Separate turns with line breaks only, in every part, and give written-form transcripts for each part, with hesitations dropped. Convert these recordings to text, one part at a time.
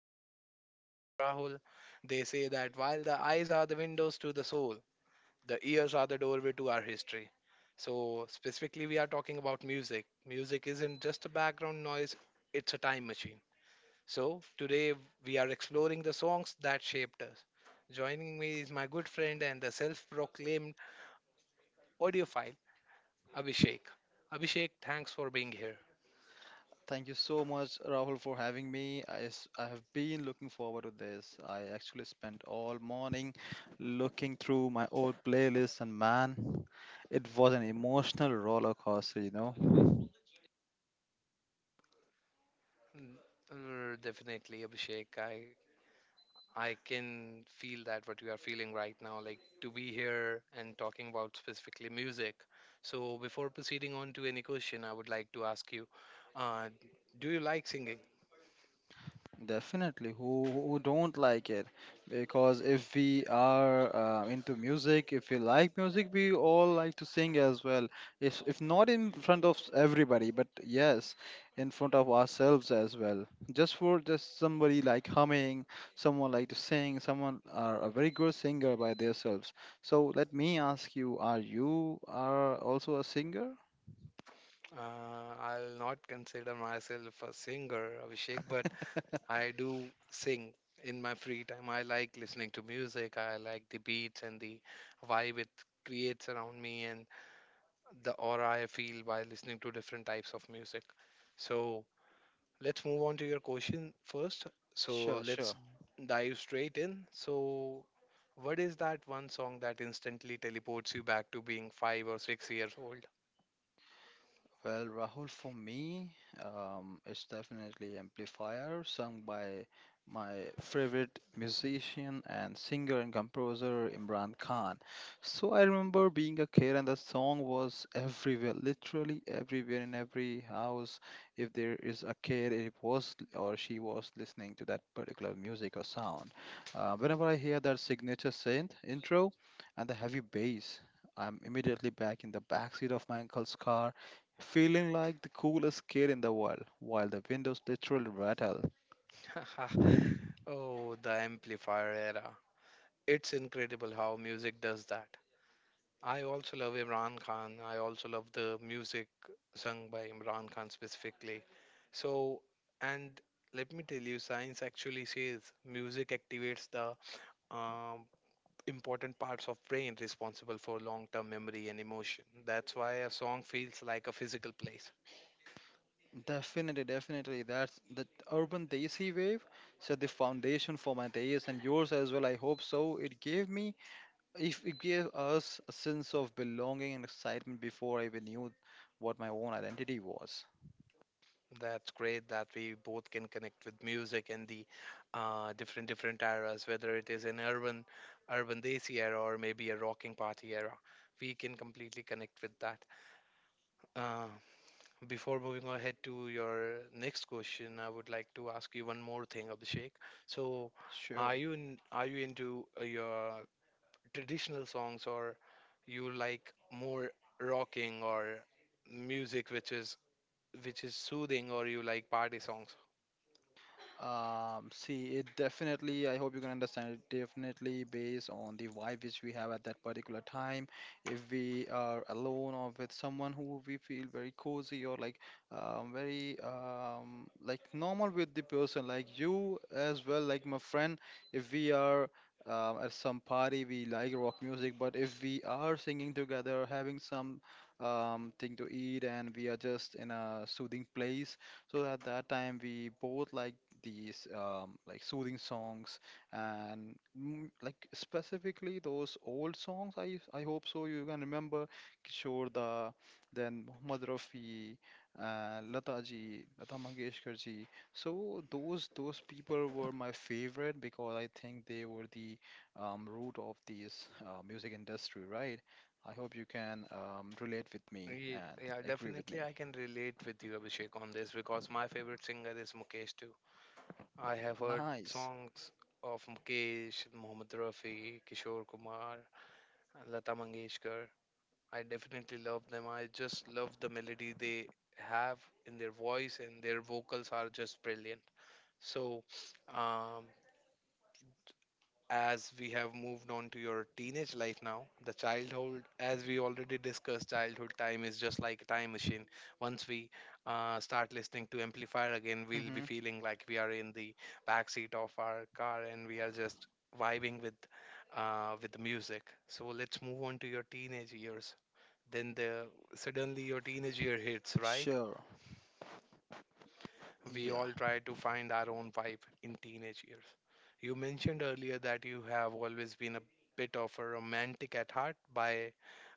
Society. I'm your host Rahul. They say that while the eyes are the windows to the soul, the ears are the doorway to our history. So, specifically, we are talking about music. Music isn't just a background noise, it's a time machine. So, today we are exploring the songs that shaped us. Joining me is my good friend and the self proclaimed audiophile, Abhishek. Abhishek, thanks for being here.
Thank you so much, Rahul, for having me. I have been looking forward to this. I actually spent all morning looking through my old playlist, and man, it was an emotional roller coaster.
Definitely, Abhishek. I can feel that what you are feeling right now, like to be here and talking about specifically music. So, before proceeding on to any question, I would like to ask you uh, do you like singing?
Definitely, who don't like it? Because if we are into music, if we like music, we all like to sing as well. If not in front of everybody, but yes, in front of ourselves as well. Just for just somebody like humming, someone like to sing, someone are a very good singer by themselves. So let me ask you are also a singer?
I'll not consider myself a singer, Abhishek, but I do sing in my free time. I like listening to music, I like the beats and the vibe it creates around me, and the aura I feel by listening to different types of music. So, let's move on to your question first. So
Sure,
let's
sure.
dive straight in. So, what is that one song that instantly teleports you back to being 5 or 6 years old?
Well, Rahul, for me, it's definitely Amplifier, sung by my favorite musician and singer and composer Imran Khan. So I remember being a kid, and the song was everywhere, literally everywhere in every house. If there is a kid, it was or she was listening to that particular music or sound. Whenever I hear that signature synth intro and the heavy bass, I'm immediately back in the backseat of my uncle's car feeling like the coolest kid in the world while the windows literally rattle.
Oh, the amplifier era. It's incredible how music does that. I also love Imran Khan. I also love the music sung by Imran Khan specifically. So, and let me tell you, science actually says music activates the um important parts of brain responsible for long-term memory and emotion. That's why a song feels like a physical place.
Definitely, definitely. That's the urban Desi wave set the foundation for my days and yours as well. I hope so. It gave me, if it gave us a sense of belonging and excitement before I even knew what my own identity was.
That's great that we both can connect with music and the different eras, whether it is an urban desi era or maybe a rocking party era. We can completely connect with that. Uh, Before moving ahead to your next question, I would like to ask you one more thing, Abhishek. So,
Sure.
are you into your traditional songs or you like more rocking or music which is soothing or you like party songs?
See, it definitely, I hope you can understand it, definitely based on the vibe which we have at that particular time. If we are alone or with someone who we feel very cozy or like very like normal with the person, like you as well, like my friend, if we are at some party, we like rock music, but if we are singing together, having some thing to eat, and we are just in a soothing place. So at that time, we both like these like soothing songs and like specifically those old songs I hope so you can remember Kishore Da, then Mohammad Rafi, Lata ji, Lata Mangeshkar ji. So those people were my favorite because I think they were the root of this music industry, right? I hope you can relate with me
Ye-
and
yeah
agree with
definitely
me.
I can relate with you, Abhishek, on this because my favorite singer is Mukesh too. I have heard
Nice.
songs of Mukesh, Mohammed Rafi, Kishore Kumar and Lata Mangeshkar. I definitely love them. I just love the melody they have in their voice, and their vocals are just brilliant. So um, as we have moved on to your teenage life now, the childhood, as we already discussed, childhood time is just like a time machine. Once we start listening to Amplifier again, we'll be
Hmm.
feeling like we are in the back seat of our car and we are just vibing with the music. So let's move on to your teenage years. Then the suddenly your teenage year hits, right?
Sure. Yeah,
We
yeah.
all try to find our own vibe in teenage years. You mentioned earlier that you have always been a bit of a romantic at heart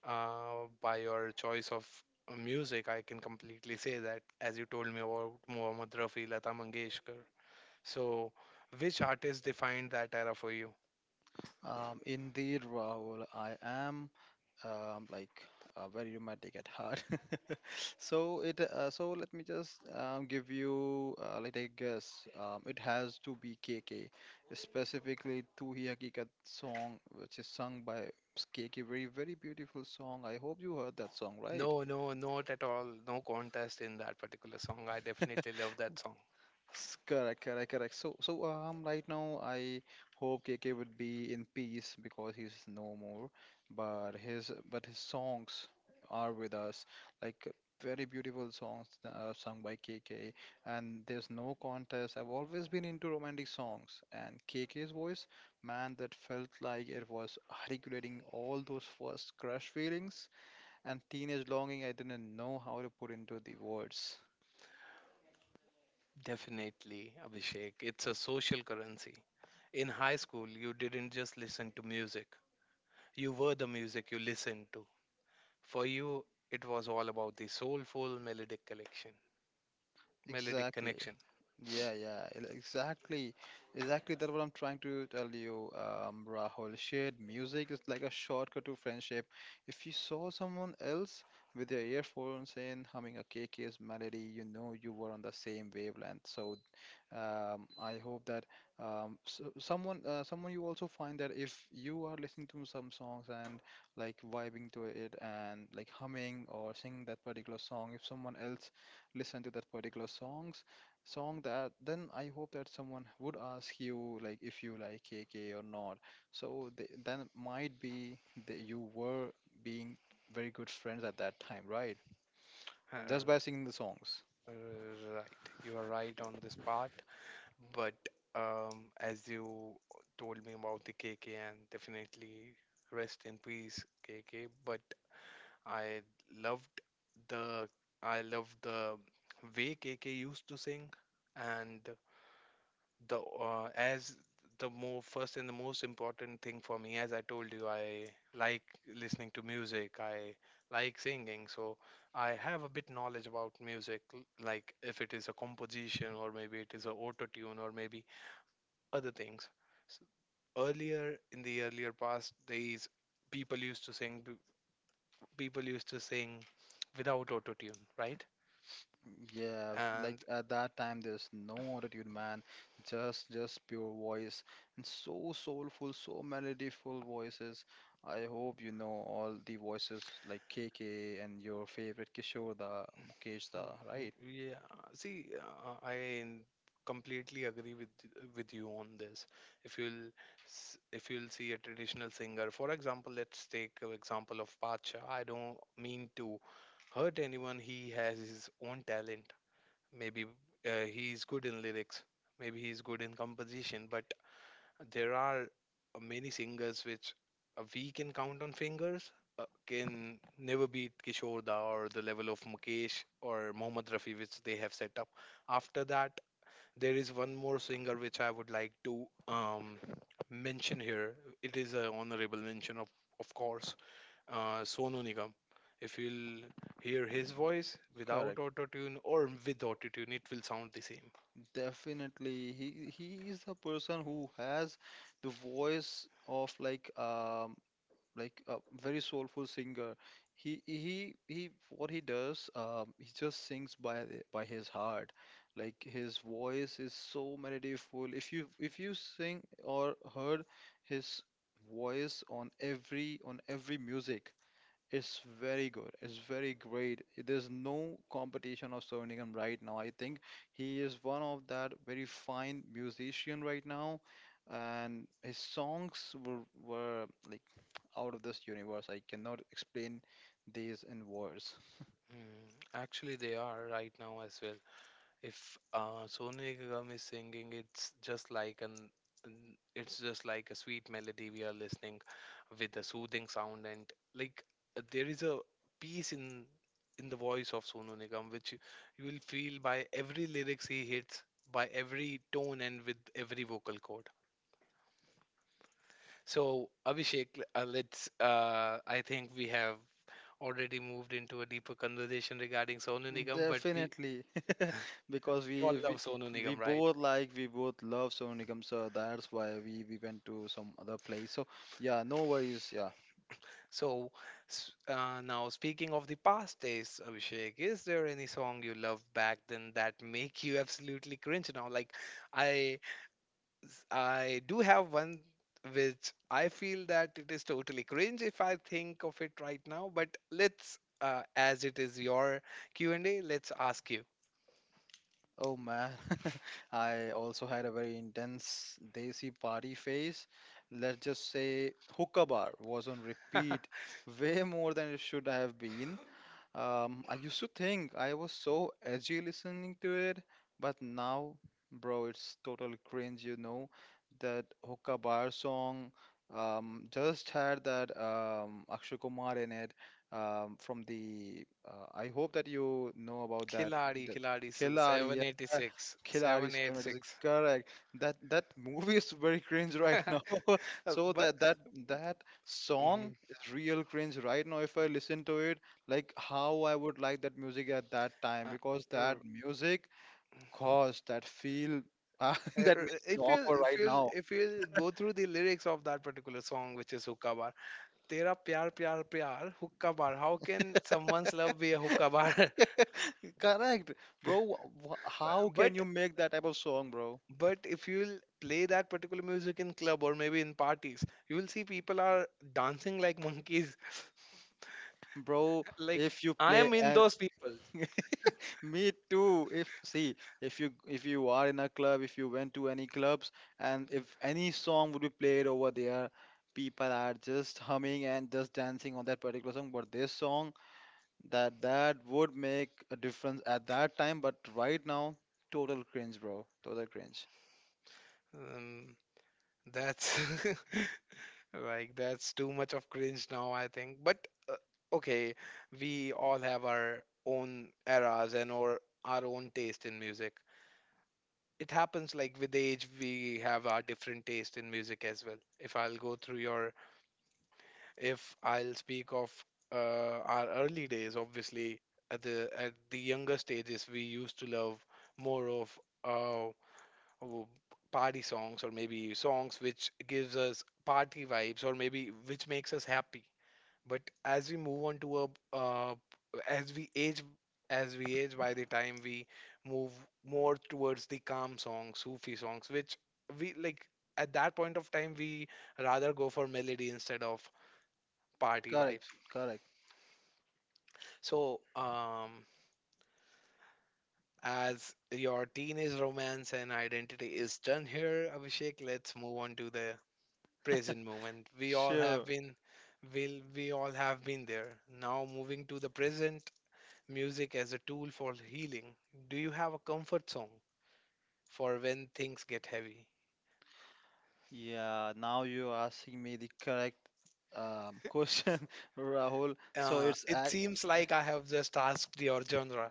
by your choice of music. I can completely say that, as you told me about Mohammad Rafi, Lata Mangeshkar. So, which artist defined that era for you?
Indeed, Rahul, I am like very romantic at heart. So it so let me just give you like a guess. It has to be KK, specifically "Tu Hi Hakikat" song, which is sung by KK. Very very beautiful song. I hope you heard that song, right?
No, no, not at all. No contest in that particular song. I definitely love that song.
Correct, correct, correct. So, so right now I hope KK would be in peace because he's no more. But his songs are with us, like very beautiful songs sung by KK. And there's no contest. I've always been into romantic songs, and KK's voice, man, that felt like it was articulating all those first crush feelings and teenage longing. I didn't know how to put into the words.
Definitely, Abhishek. It's a social currency. In high school, you didn't just listen to music, you were the music you listened to. For you, it was all about the melodic
Exactly.
connection.
Yeah, yeah, exactly. Exactly, that's what I'm trying to tell you, Rahul. Shared music is like a shortcut to friendship. If you saw someone else with their earphones in, humming a KK's melody, you know you were on the same wavelength. So, I hope that so someone, someone you also find that if you are listening to some songs and like vibing to it and like humming or singing that particular song, if someone else listen to that particular song that then I hope that someone would ask you like if you like KK or not. So they then it might be that you were being very good friends at that time, right? Just by singing
Uh,
the songs.
right, you are right on this part, but as you told me about the KK, and definitely rest in peace, KK, but I loved the I loved the way KK used to sing. And the as the more first and the most important thing for me, as I told you, I like listening to music, I like singing. So I have a bit knowledge about music, like if it is a composition or maybe it is a auto tune or maybe other things. So earlier in the earlier past days, people used to sing people used to sing without auto tune, right?
Yeah, like
And
at that time there's no attitude, man, just pure voice and so soulful, so melodyful voices. I hope you know all the voices like KK and your favorite Kishore Da, Mukesh Da,
Mhm.
right?
Yeah, see, I completely agree with with you on this. If you'll if you'll see a traditional singer, for example, let's take an example of Pacha. I don't mean to hurt anyone. He has his own talent. Maybe he's good in lyrics. Maybe he's good in composition. But there are many singers which we can count on fingers can never beat Kishore Da or the level of Mukesh or Mohammad Rafi which they have set up. After that, there is one more singer which I would like to mention here. It is an honorable mention of course, Sonu Nigam. If you'll hear his voice without
Correct.
auto tune or with auto tune, it will sound the same.
Definitely, he is a person who has the voice of like a very soulful singer. He what he does he just sings by by his heart. Like his voice is so meditative. If you sing or heard his voice on every music, it's very good. It's very great. There's no competition of Sovinigan right now. I think he is one of that very fine musician right now, and his songs were like out of this universe. I cannot explain these in words.
Mm, actually, they are right now as well. If Sonu Nigam is singing, it's just like it's just like a sweet melody we are listening with a soothing sound, and like there is a peace in the voice of Sonu Nigam which you will feel by every lyrics he hits, by every tone and with every vocal chord. So Abhishek, let's, I think we have already moved into a deeper conversation regarding Sonu Nigam, but
Definitely, because
we all
we,
love
we
Sonu
we
Nigam, right?
both like we both love Sonu Nigam, so that's why we went to some other place. So yeah, no worries. Yeah.
So, now speaking of the past days, Abhishek, is there any song you love back then that make you absolutely cringe now? Like, I, I do have one which I feel that it is totally cringe if I think of it right now. But let's, as it is your Q and A, let's ask you.
Oh man, I also had a very intense desi party phase. Let's just say hookah bar was on repeat way more than it should have been. I used to think I was so edgy listening to it, but now, bro, it's total cringe. That hookah bar song just had that Akshay Kumar in it from the. I hope that you know about that.
Khiladi, Khiladi, so
Khiladi, yeah.
786,
Khiladi 7, it is
786.
correct. That movie is very cringe right now. So
But
that song
Mhm.
is real cringe right now. If I listen to it, like how I would like that music at that time
Uh,
because
uh,
that music caused that feel that makes me
If you'll
awkward
if
right
you'll
now.
if you'll go through the lyrics of that particular song, which is hookah bar, tera pyar pyar pyar hookah bar, how can someone's love be a hookah bar?
Correct, bro. How
but
can you make that type of song, bro?
but if you'll play that particular music in club or maybe in parties, you will see people are dancing like monkeys.
Bro,
Like
if you
I
play
am in
and
those people.
me too. If see, if you are in a club, if you went to any clubs, and if any song would be played over there, people are just humming and just dancing on that particular song. But this song, that would make a difference at that time. But right now, total cringe, bro. Total cringe.
um, that's like that's too much of cringe now, I think. But okay, we all have our own eras and or our own taste in music. It happens like with age, we have our different taste in music as well. If I'll go through if I'll speak of our early days, obviously at the younger stages, we used to love more of w- party songs, or maybe songs which gives us party vibes, or maybe which makes us happy. But as we move on to a uh, as we age as we age, by the time we move more towards the calm songs, sufi songs, which we like. At that point of time, we rather go for melody instead of party
Correct.
vibes.
Correct.
So um, as your teenage romance and identity is done here, Abhishek, let's move on to the present moment. We all have
Sure.
been, will we all have been there. Now moving to the present, music as a tool for healing. Do you have a comfort song for when things get heavy?
Yeah, now you're asking me the correct question, Rahul. So it's
It seems like I have just asked your genre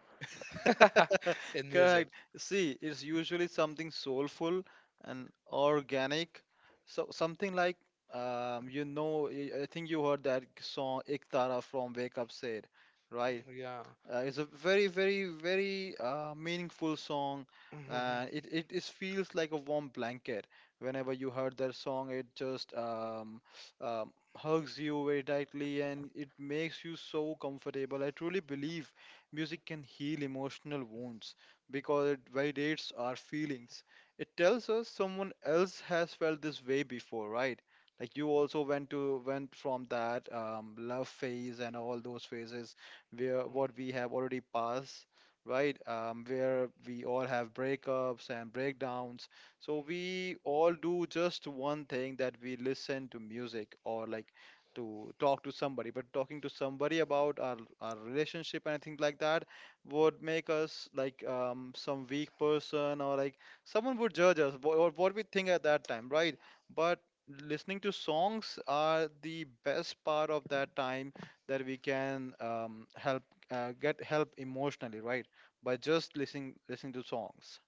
in music.
correct. See, it's usually something soulful and organic. So something like you know, I think you heard that song "Ek Tara" from Wake Up said, right?
Yeah.
It's a very, very, very meaningful song.
Mhm.
It feels like a warm blanket. Whenever you heard that song, it just hugs you very tightly and it makes you so comfortable. I truly believe music can heal emotional wounds because it validates our feelings. It tells us someone else has felt this way before, right? Like you also went from that love phase and all those phases where what we have already passed, right? Where we all have breakups and breakdowns. So we all do just one thing that we listen to music or like to talk to somebody, but talking to somebody about our relationship and anything like that would make us like some weak person or like someone would judge us or what we think at that time, right? But listening to songs are the best part of that time that we can help get help emotionally, right? By just listening to songs.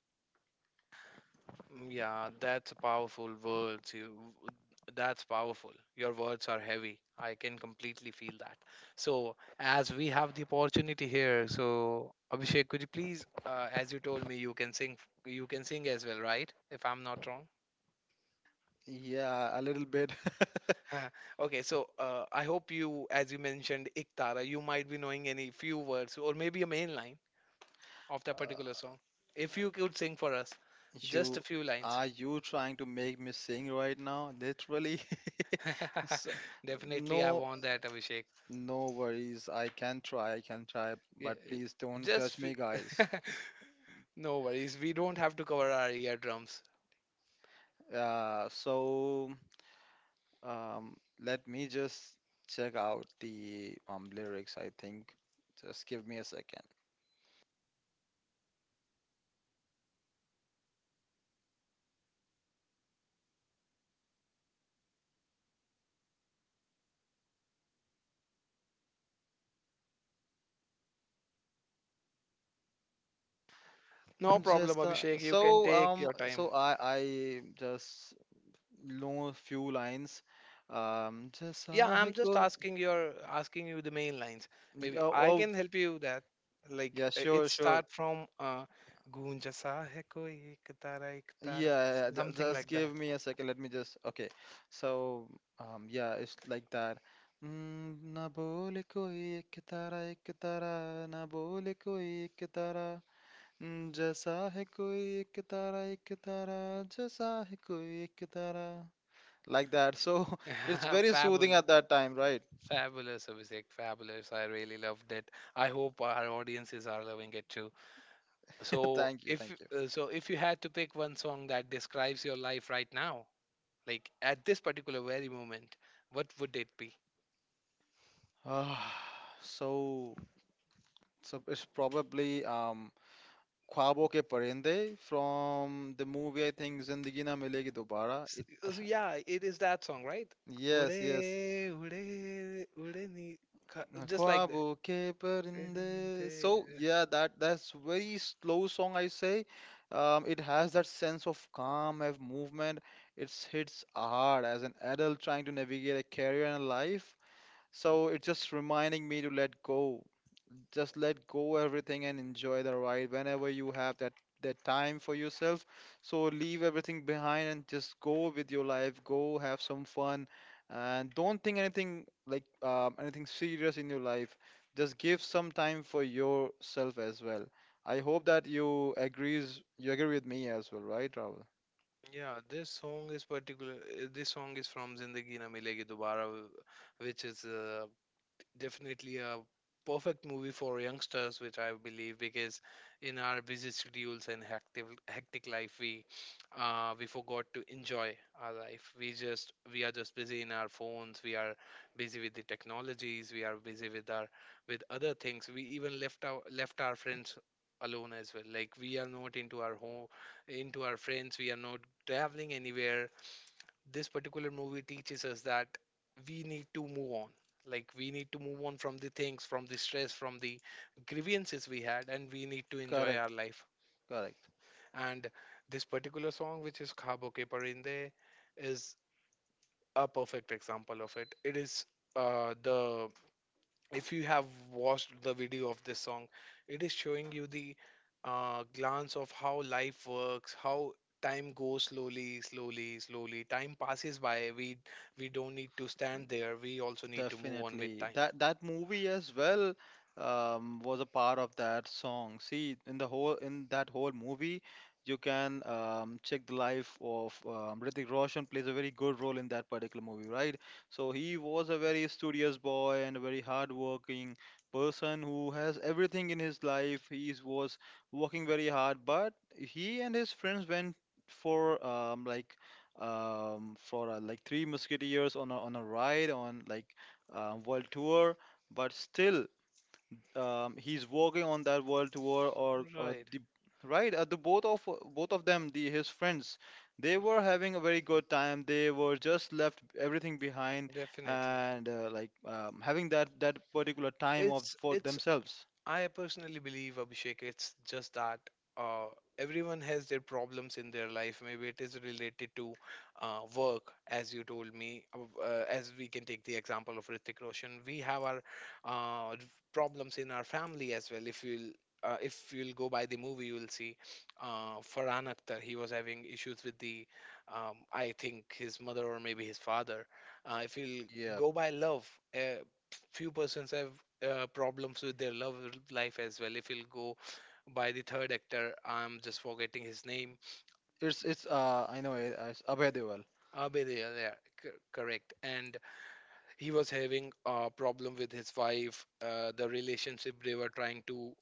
Mm, yeah, that's powerful words. That's powerful. Your words are heavy. I can completely feel that. So, as we have the opportunity here, so Abhishek, could you please, as you told me, you can sing. You can sing as well, right? If I'm not wrong.
Yeah, a little bit.
Okay, so I hope you, as you mentioned, Iktara, you might be knowing any few words or maybe a main line of that
Uh,
particular song. If you could sing for us, just
You
a few lines.
are you trying to make me sing right now? Literally. S-
Definitely, I
No,
want that, Abhishek.
no worries. I can try. I can try,
Yeah,
but
eh,
please don't judge
just
me, guys.
f- no worries. We don't have to cover our eardrums.
So um, let me just check out the lyrics. I think. Just give me a second.
No problem,
Just
Abhishek. You can
so
take your time.
so I just know a few lines. Just
Yeah,
I
I'm just
go.
asking your asking you the main lines. Maybe
Oh,
I
oh,
can help you with that. Like
yeah,
it
sure, sure.
start from "गूंजा सा है कोई एक
Yeah,
Tara,"
yeah, yeah,
something
just
like
give
that.
me a second. Let me just. Okay. So, yeah, it's like that. Mm, na bole koi ek tara na bole koi ek tara. Mm, jaisa hai koi ek tara jaisa hai koi ek tara, like that. So it's very soothing
Fabulous.
at that time, right?
Fabulous, Abhishek. Fabulous. I really loved it. I hope our audiences are loving it too. So,
Thank you,
if
thank you.
if you had to pick one song that describes your life right now, like at this particular very moment, what would it be?
Ah, so so it's probably ख्वाबों के परिंदे from the movie I think जिंदगी ना मिलेगी दोबारा
So,
it
so yeah, it is that song, right? Ude,
yes, yes.
ude, ude ni, just like that.
ख्वाबों के परिंदे,
Ferinte.
so yeah, that that's very slow song I say. It has that sense of calm of movement. It hits hard as an adult trying to navigate a career and life. So it's just reminding me to let go, just let go everything and enjoy the ride whenever you have that that time for yourself. So leave everything behind and just go with your life, go have some fun, and don't think anything like anything serious in your life. Just give some time for yourself as well. I hope that you agree with me as well, right, Rahul?
Yeah, this song is particular. This song is from Zindagi Na Milegi Dobara, which is definitely a perfect movie for youngsters, which I believe because in our busy schedules and hectic life, we forgot to enjoy our life. We are just busy in our phones. We are busy with the technologies. We are busy with our with other things. We even left our friends alone as well, like we are not into our home, into our friends, we are not traveling anywhere. This particular movie teaches us that we need to move on, like we need to move on from the things, from the stress, from the grievances we had, and we need to enjoy our
Correct,
life.
correct.
And this particular song, which is khabo ke parinde, is a perfect example of it. Is the if you have watched the video of this song, it is showing you the glance of how life works, how time goes slowly, slowly, slowly. Time passes by. We don't need to stand there. We also need to move on with
Definitely.
time.
That movie as well was a part of that song. See, in the whole in that whole movie, you can check the life of Hrithik Roshan plays a very good role in that particular movie, right? So he was a very studious boy and a very hardworking person who has everything in his life. He was working very hard, but he and his friends went for um, like for like Three Musketeers on a ride on like world tour, but still he's working on that world tour or
Right.
the right, the both of them, the his friends, they were having a very good time. They were just left everything behind
Definitely.
and having that particular time of for
It's
themselves.
I personally believe, Abhishek, it's just that uh, everyone has their problems in their life. Maybe it is related to work, as you told me. As we can take the example of Ritik Roshan, we have our uh, problems in our family as well. If you'll go by the movie, you'll see Farhan Akhtar. He was having issues with the, I think, his mother or maybe his father. If you'll
Yeah,
go by love, uh, few persons have problems with their love life as well. If you'll go by the third actor, I'm just forgetting his name.
it's I know it's Abhay.
Abedea, yeah, correct. And he was having a problem with his wife, the relationship they were trying to,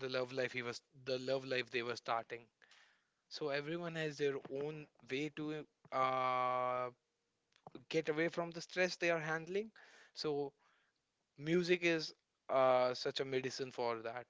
the love life he was, the love life they were starting. So everyone has their own way to uh, get away from the stress they are handling. So music is such a medicine for that.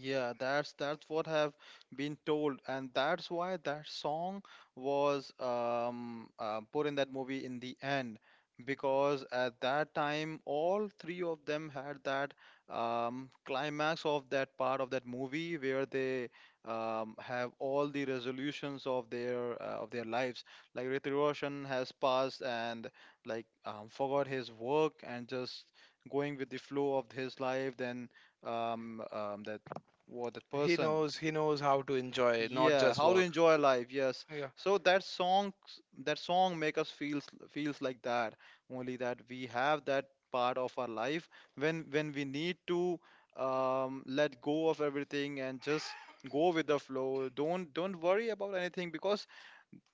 Yeah, that's what have been told, and that's why that song was put in that movie in the end, because at that time all three of them had that climax of that part of that movie where they have all the resolutions of their lives. Like Ritik Roshan has passed and forgot his work and just going with the flow of his life, then um, um, what that
he
person?
knows he knows how to enjoy, not
Yeah,
just
how to
work.
enjoy life. Yes.
Yeah.
So that song make us feels like that. Only that we have that part of our life when we need to let go of everything and just go with the flow. Don't worry about anything because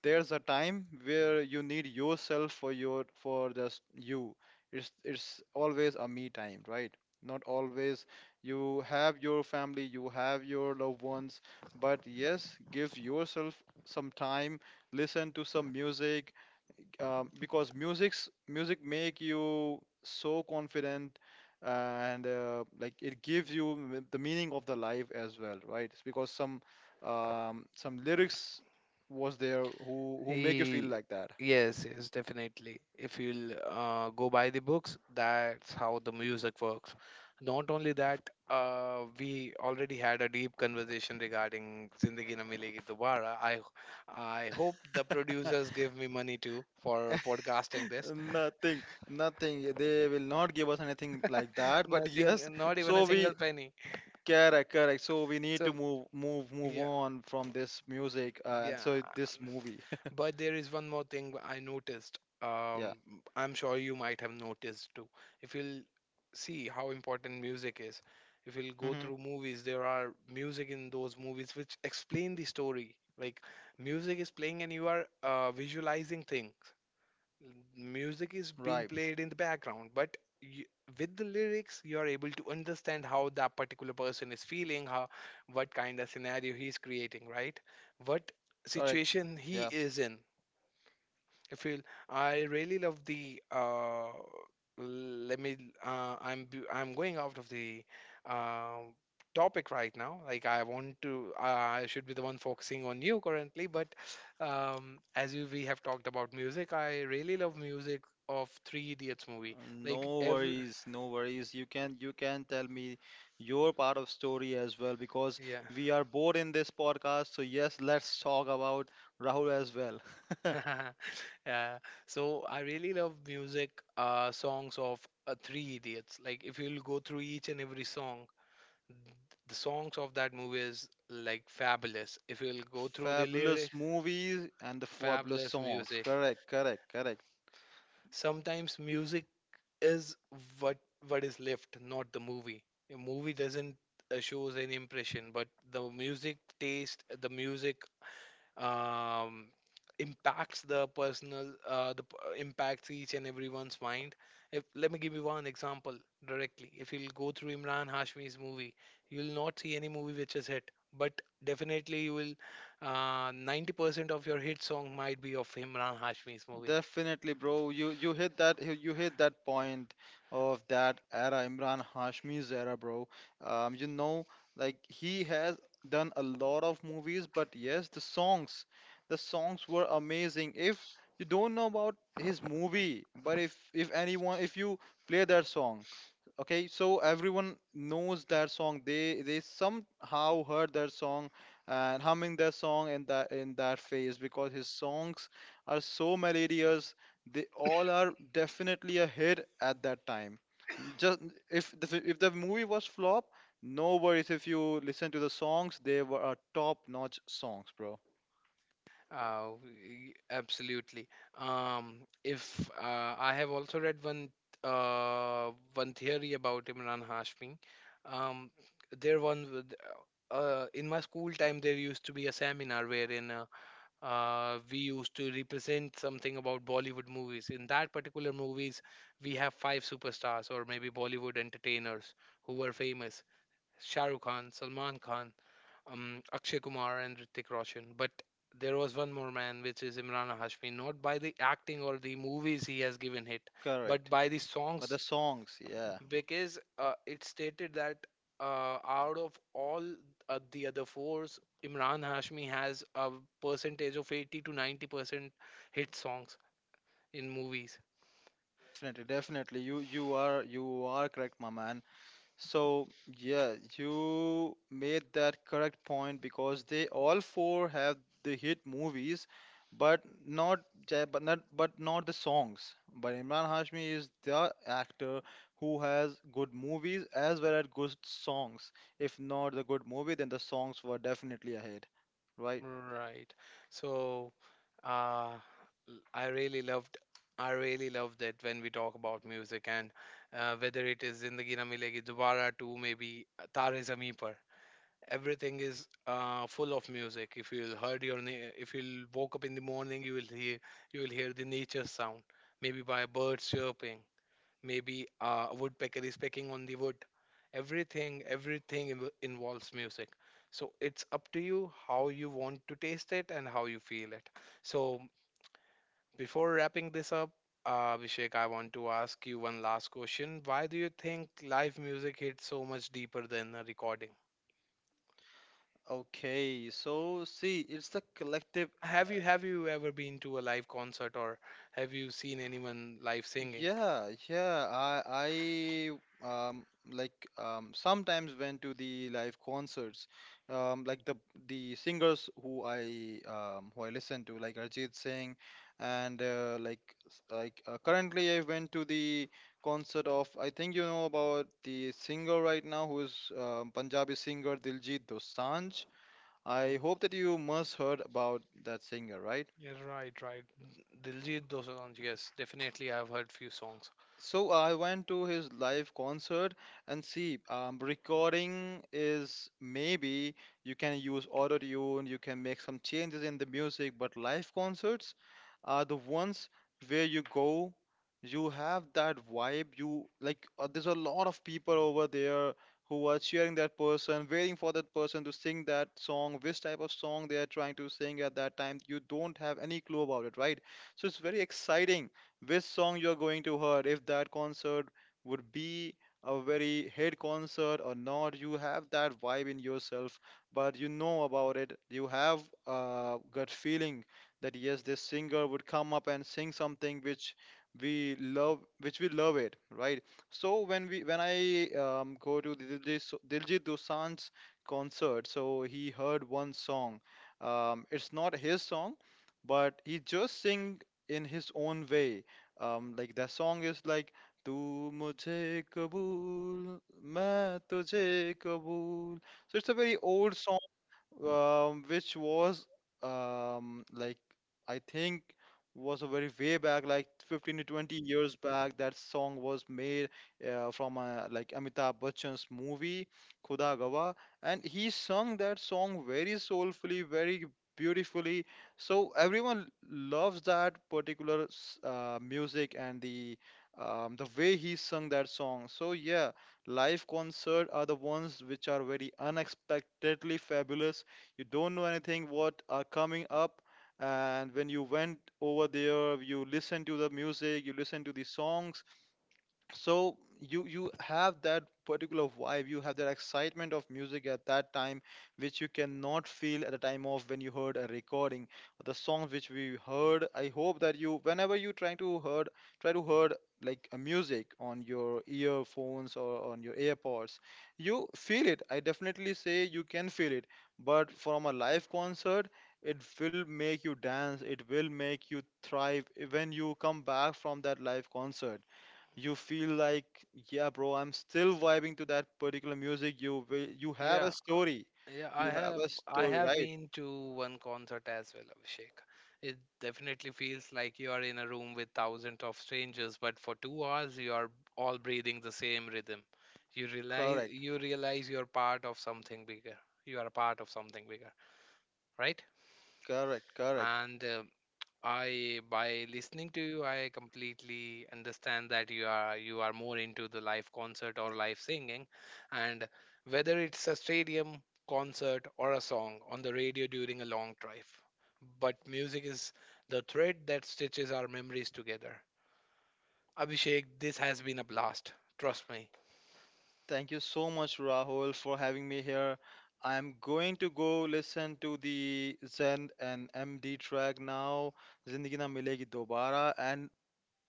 there's a time where you need yourself for just you. It's always a me time, right? Not always. You have your family, you have your loved ones, but yes, give yourself some time. Listen to some music because music make you so confident. And it gives you the meaning of the life as well, right? It's because some lyrics was there who make you feel
he
like that.
Yes, yes, definitely, if you'll go by the books, that's how the music works. Not only that, we already had a deep conversation regarding zindagi na milegi dobara. I hope the producers give me money too for podcasting this.
nothing nothing, they will not give us anything like that, but yes.
Nothing, not even a
so we
single penny.
Correct, correct. So we need to
So,
move
yeah,
on from this music and
yeah.
so this movie.
But there is one more thing I noticed.
Yeah.
I'm sure you might have noticed too. If you'll see how important music is, if you'll go
Hmm.
through movies, there are music in those movies which explain the story. Like music is playing and you are visualizing things. Music is being
Right.
played in the background, but you, with the lyrics, you are able to understand how that particular person is feeling, how, what kind of scenario he's creating, right? What
Correct.
situation he
Yeah.
is in. I feel, I really love the, let me, I'm going out of the um topic right now. Like I want to I should be the one focusing on you currently, but as you we have talked about music, I really love music of Three Idiots movie. Like
No
every
worries, no worries. You can tell me your part of story as well because
Yeah.
we are bored in this podcast. So yes, let's talk about Rahul as well.
Yeah. So I really love music songs of Three Idiots. Like if you'll go through each and every song, the songs of that movie is like fabulous. If you'll go through the lyrics,
Fabulous movies and the fabulous
fabulous
songs.
music.
Correct, correct, correct.
Sometimes music is what what is left, not the movie. A movie doesn't shows any impression, but the music taste, the music, um, impacts the personal the p- impacts each and everyone's mind. If Let me give you one example directly. If you'll go through imran hashmi's movie, you'll not see any movie which is hit, but definitely you will 90% of your hit song might be of imran hashmi's movie.
Definitely, bro. You hit that point of that era, Imran Hashmi's era, bro. Um, you know, like he has done a lot of movies, but yes, the songs were amazing. If you don't know about his movie, but if anyone, if you play that song, okay, so everyone knows that song. They somehow heard that song and humming that song in that phase because his songs are so many. They all are definitely a hit at that time. Just if the movie was flop, no worries. If you listen to the songs, they were are top-notch songs, bro.
Absolutely. Um, if I have also read one theory about Imran Hashmi. Um, there one with, in my school time there used to be a seminar wherein we used to represent something about Bollywood movies. In that particular movies, we have five superstars or maybe Bollywood entertainers who were famous: Shah Rukh Khan, Salman Khan, Akshay Kumar, and Hrithik Roshan. But there was one more man, which is Imran Hashmi. Not by the acting or the movies he has given hit, but
Correct.
by the
But
songs,
the songs, yeah,
because it stated that out of all the other fours, Imran Hashmi has a percentage of 80 to 90% hit songs in movies.
definitely, definitely. You are correct, my man. So, yeah, you made that correct point because they all four have the hit movies, but not ja- but not the songs. But Imran Hashmi is the actor who has good movies as well as good songs. If not the good movie, then the songs were definitely ahead, right?
Right. So, uh, l- I really loved, I really love that when we talk about music and whether it is Zindagi Na Milegi Dobara to maybe Taare Zameen Par. Everything is full of music. If you'll heard your, na- If you'll woke up in the morning, you will hear, the nature sound, maybe by birds chirping, maybe a woodpecker is pecking on the wood. Everything involves music, so it's up to you how you want to taste it and how you feel it. So, before wrapping this up, Abhishek, I want to ask you one last question. Why do you think live music hits so much deeper than a recording?
Okay, so see, it's the collective.
Have you ever been to a live concert, or have you seen anyone live singing?
Yeah, yeah. I um sometimes went to the live concerts. Um like the the singers who I listen to, like Arjit Singh, and currently I went to the concert of, I think you know about the singer right now who is Punjabi singer Diljit Dosanjh. I
Mm,
hope that you must heard about that singer, right?
yeah, right, right. Diljit Dosanjh, yes, definitely. I've heard few songs.
So I went to his live concert, and see, recording is maybe you can use auto tune, you can make some changes in the music, but live concerts are the ones where you go, you have that vibe. You like, there's a lot of people over there who are cheering that person, waiting for that person to sing that song, which type of song they are trying to sing at that time. You don't have any clue about it, right? So it's very exciting which song you're going to hear, if that concert would be a very hit concert or not. You have that vibe in yourself, but you know about it. You have a gut feeling that yes, this singer would come up and sing something which we love it, right? So when I go to the Diljit Dosanjh's concert, so he heard one song. It's not his song, but he just sing in his own way, the song is like "Tu mujhe kabool, main tujhe kabool." So it's a very old, which was um, like I think was a very way back, like 15 to 20 years back. That song was made from a, like Amitabh Bachchan's movie Khuda Gawa, and he sung that song very soulfully, very beautifully. So everyone loves that particular music and the way he sung that song. So yeah, live concert are the ones which are very unexpectedly fabulous. You don't know anything what are coming up, and when you went over there, you listened to the music, you listened to the songs. So you have that particular vibe, you have that excitement of music at that time, which you cannot feel at the time of when you heard a recording. The songs which we heard, I hope that you, whenever you try to heard like a music on your earphones or on your airpods, you feel it. I definitely say you can feel it, but from a live concert, it will make you dance, it will make you thrive. When you come back from that live concert, you feel like, yeah bro, I'm still vibing to that particular music. You have a
Yeah,
story,
yeah, I
you have
have
a
I
story,
have
right?
been to one concert as well, Abhishek. It definitely feels like you are in a room with thousands of strangers, but for 2 hours you are all breathing the same rhythm. You realize
Correct,
you realize you're part of something bigger. You are a part of something bigger, right?
correct, correct.
And I by listening to you, I completely understand that you are more into the live concert or live singing, and whether it's a stadium concert or a song on the radio during a long drive. But music is the thread that stitches our memories together. Abhishek, this has been a blast. Trust me.
Thank you so much, Rahul, for having me here. I'm going to go listen to the Zen and MD track now, Zindagi Na Milegi Dobara, and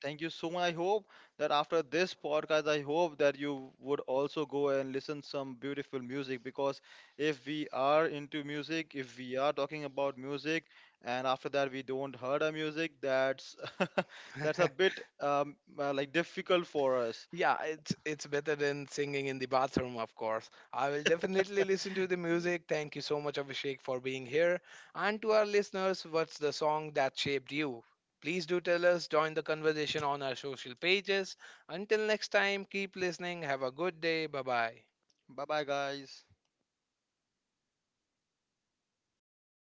thank you so much. I hope that after this podcast, I hope that you would also go and listen some beautiful music because if we are into music, if we are talking about music, and after that we don't heard a music, that's that's a bit difficult for us.
Yeah, it's better than singing in the bathroom, of course. I will definitely listen to the music. Thank you so much, Abhishek, for being here. And to our listeners, what's the song that shaped you? Please do tell us, join the conversation on our social pages. Until next time, keep listening. Have a good day. Bye bye.
Bye bye, guys.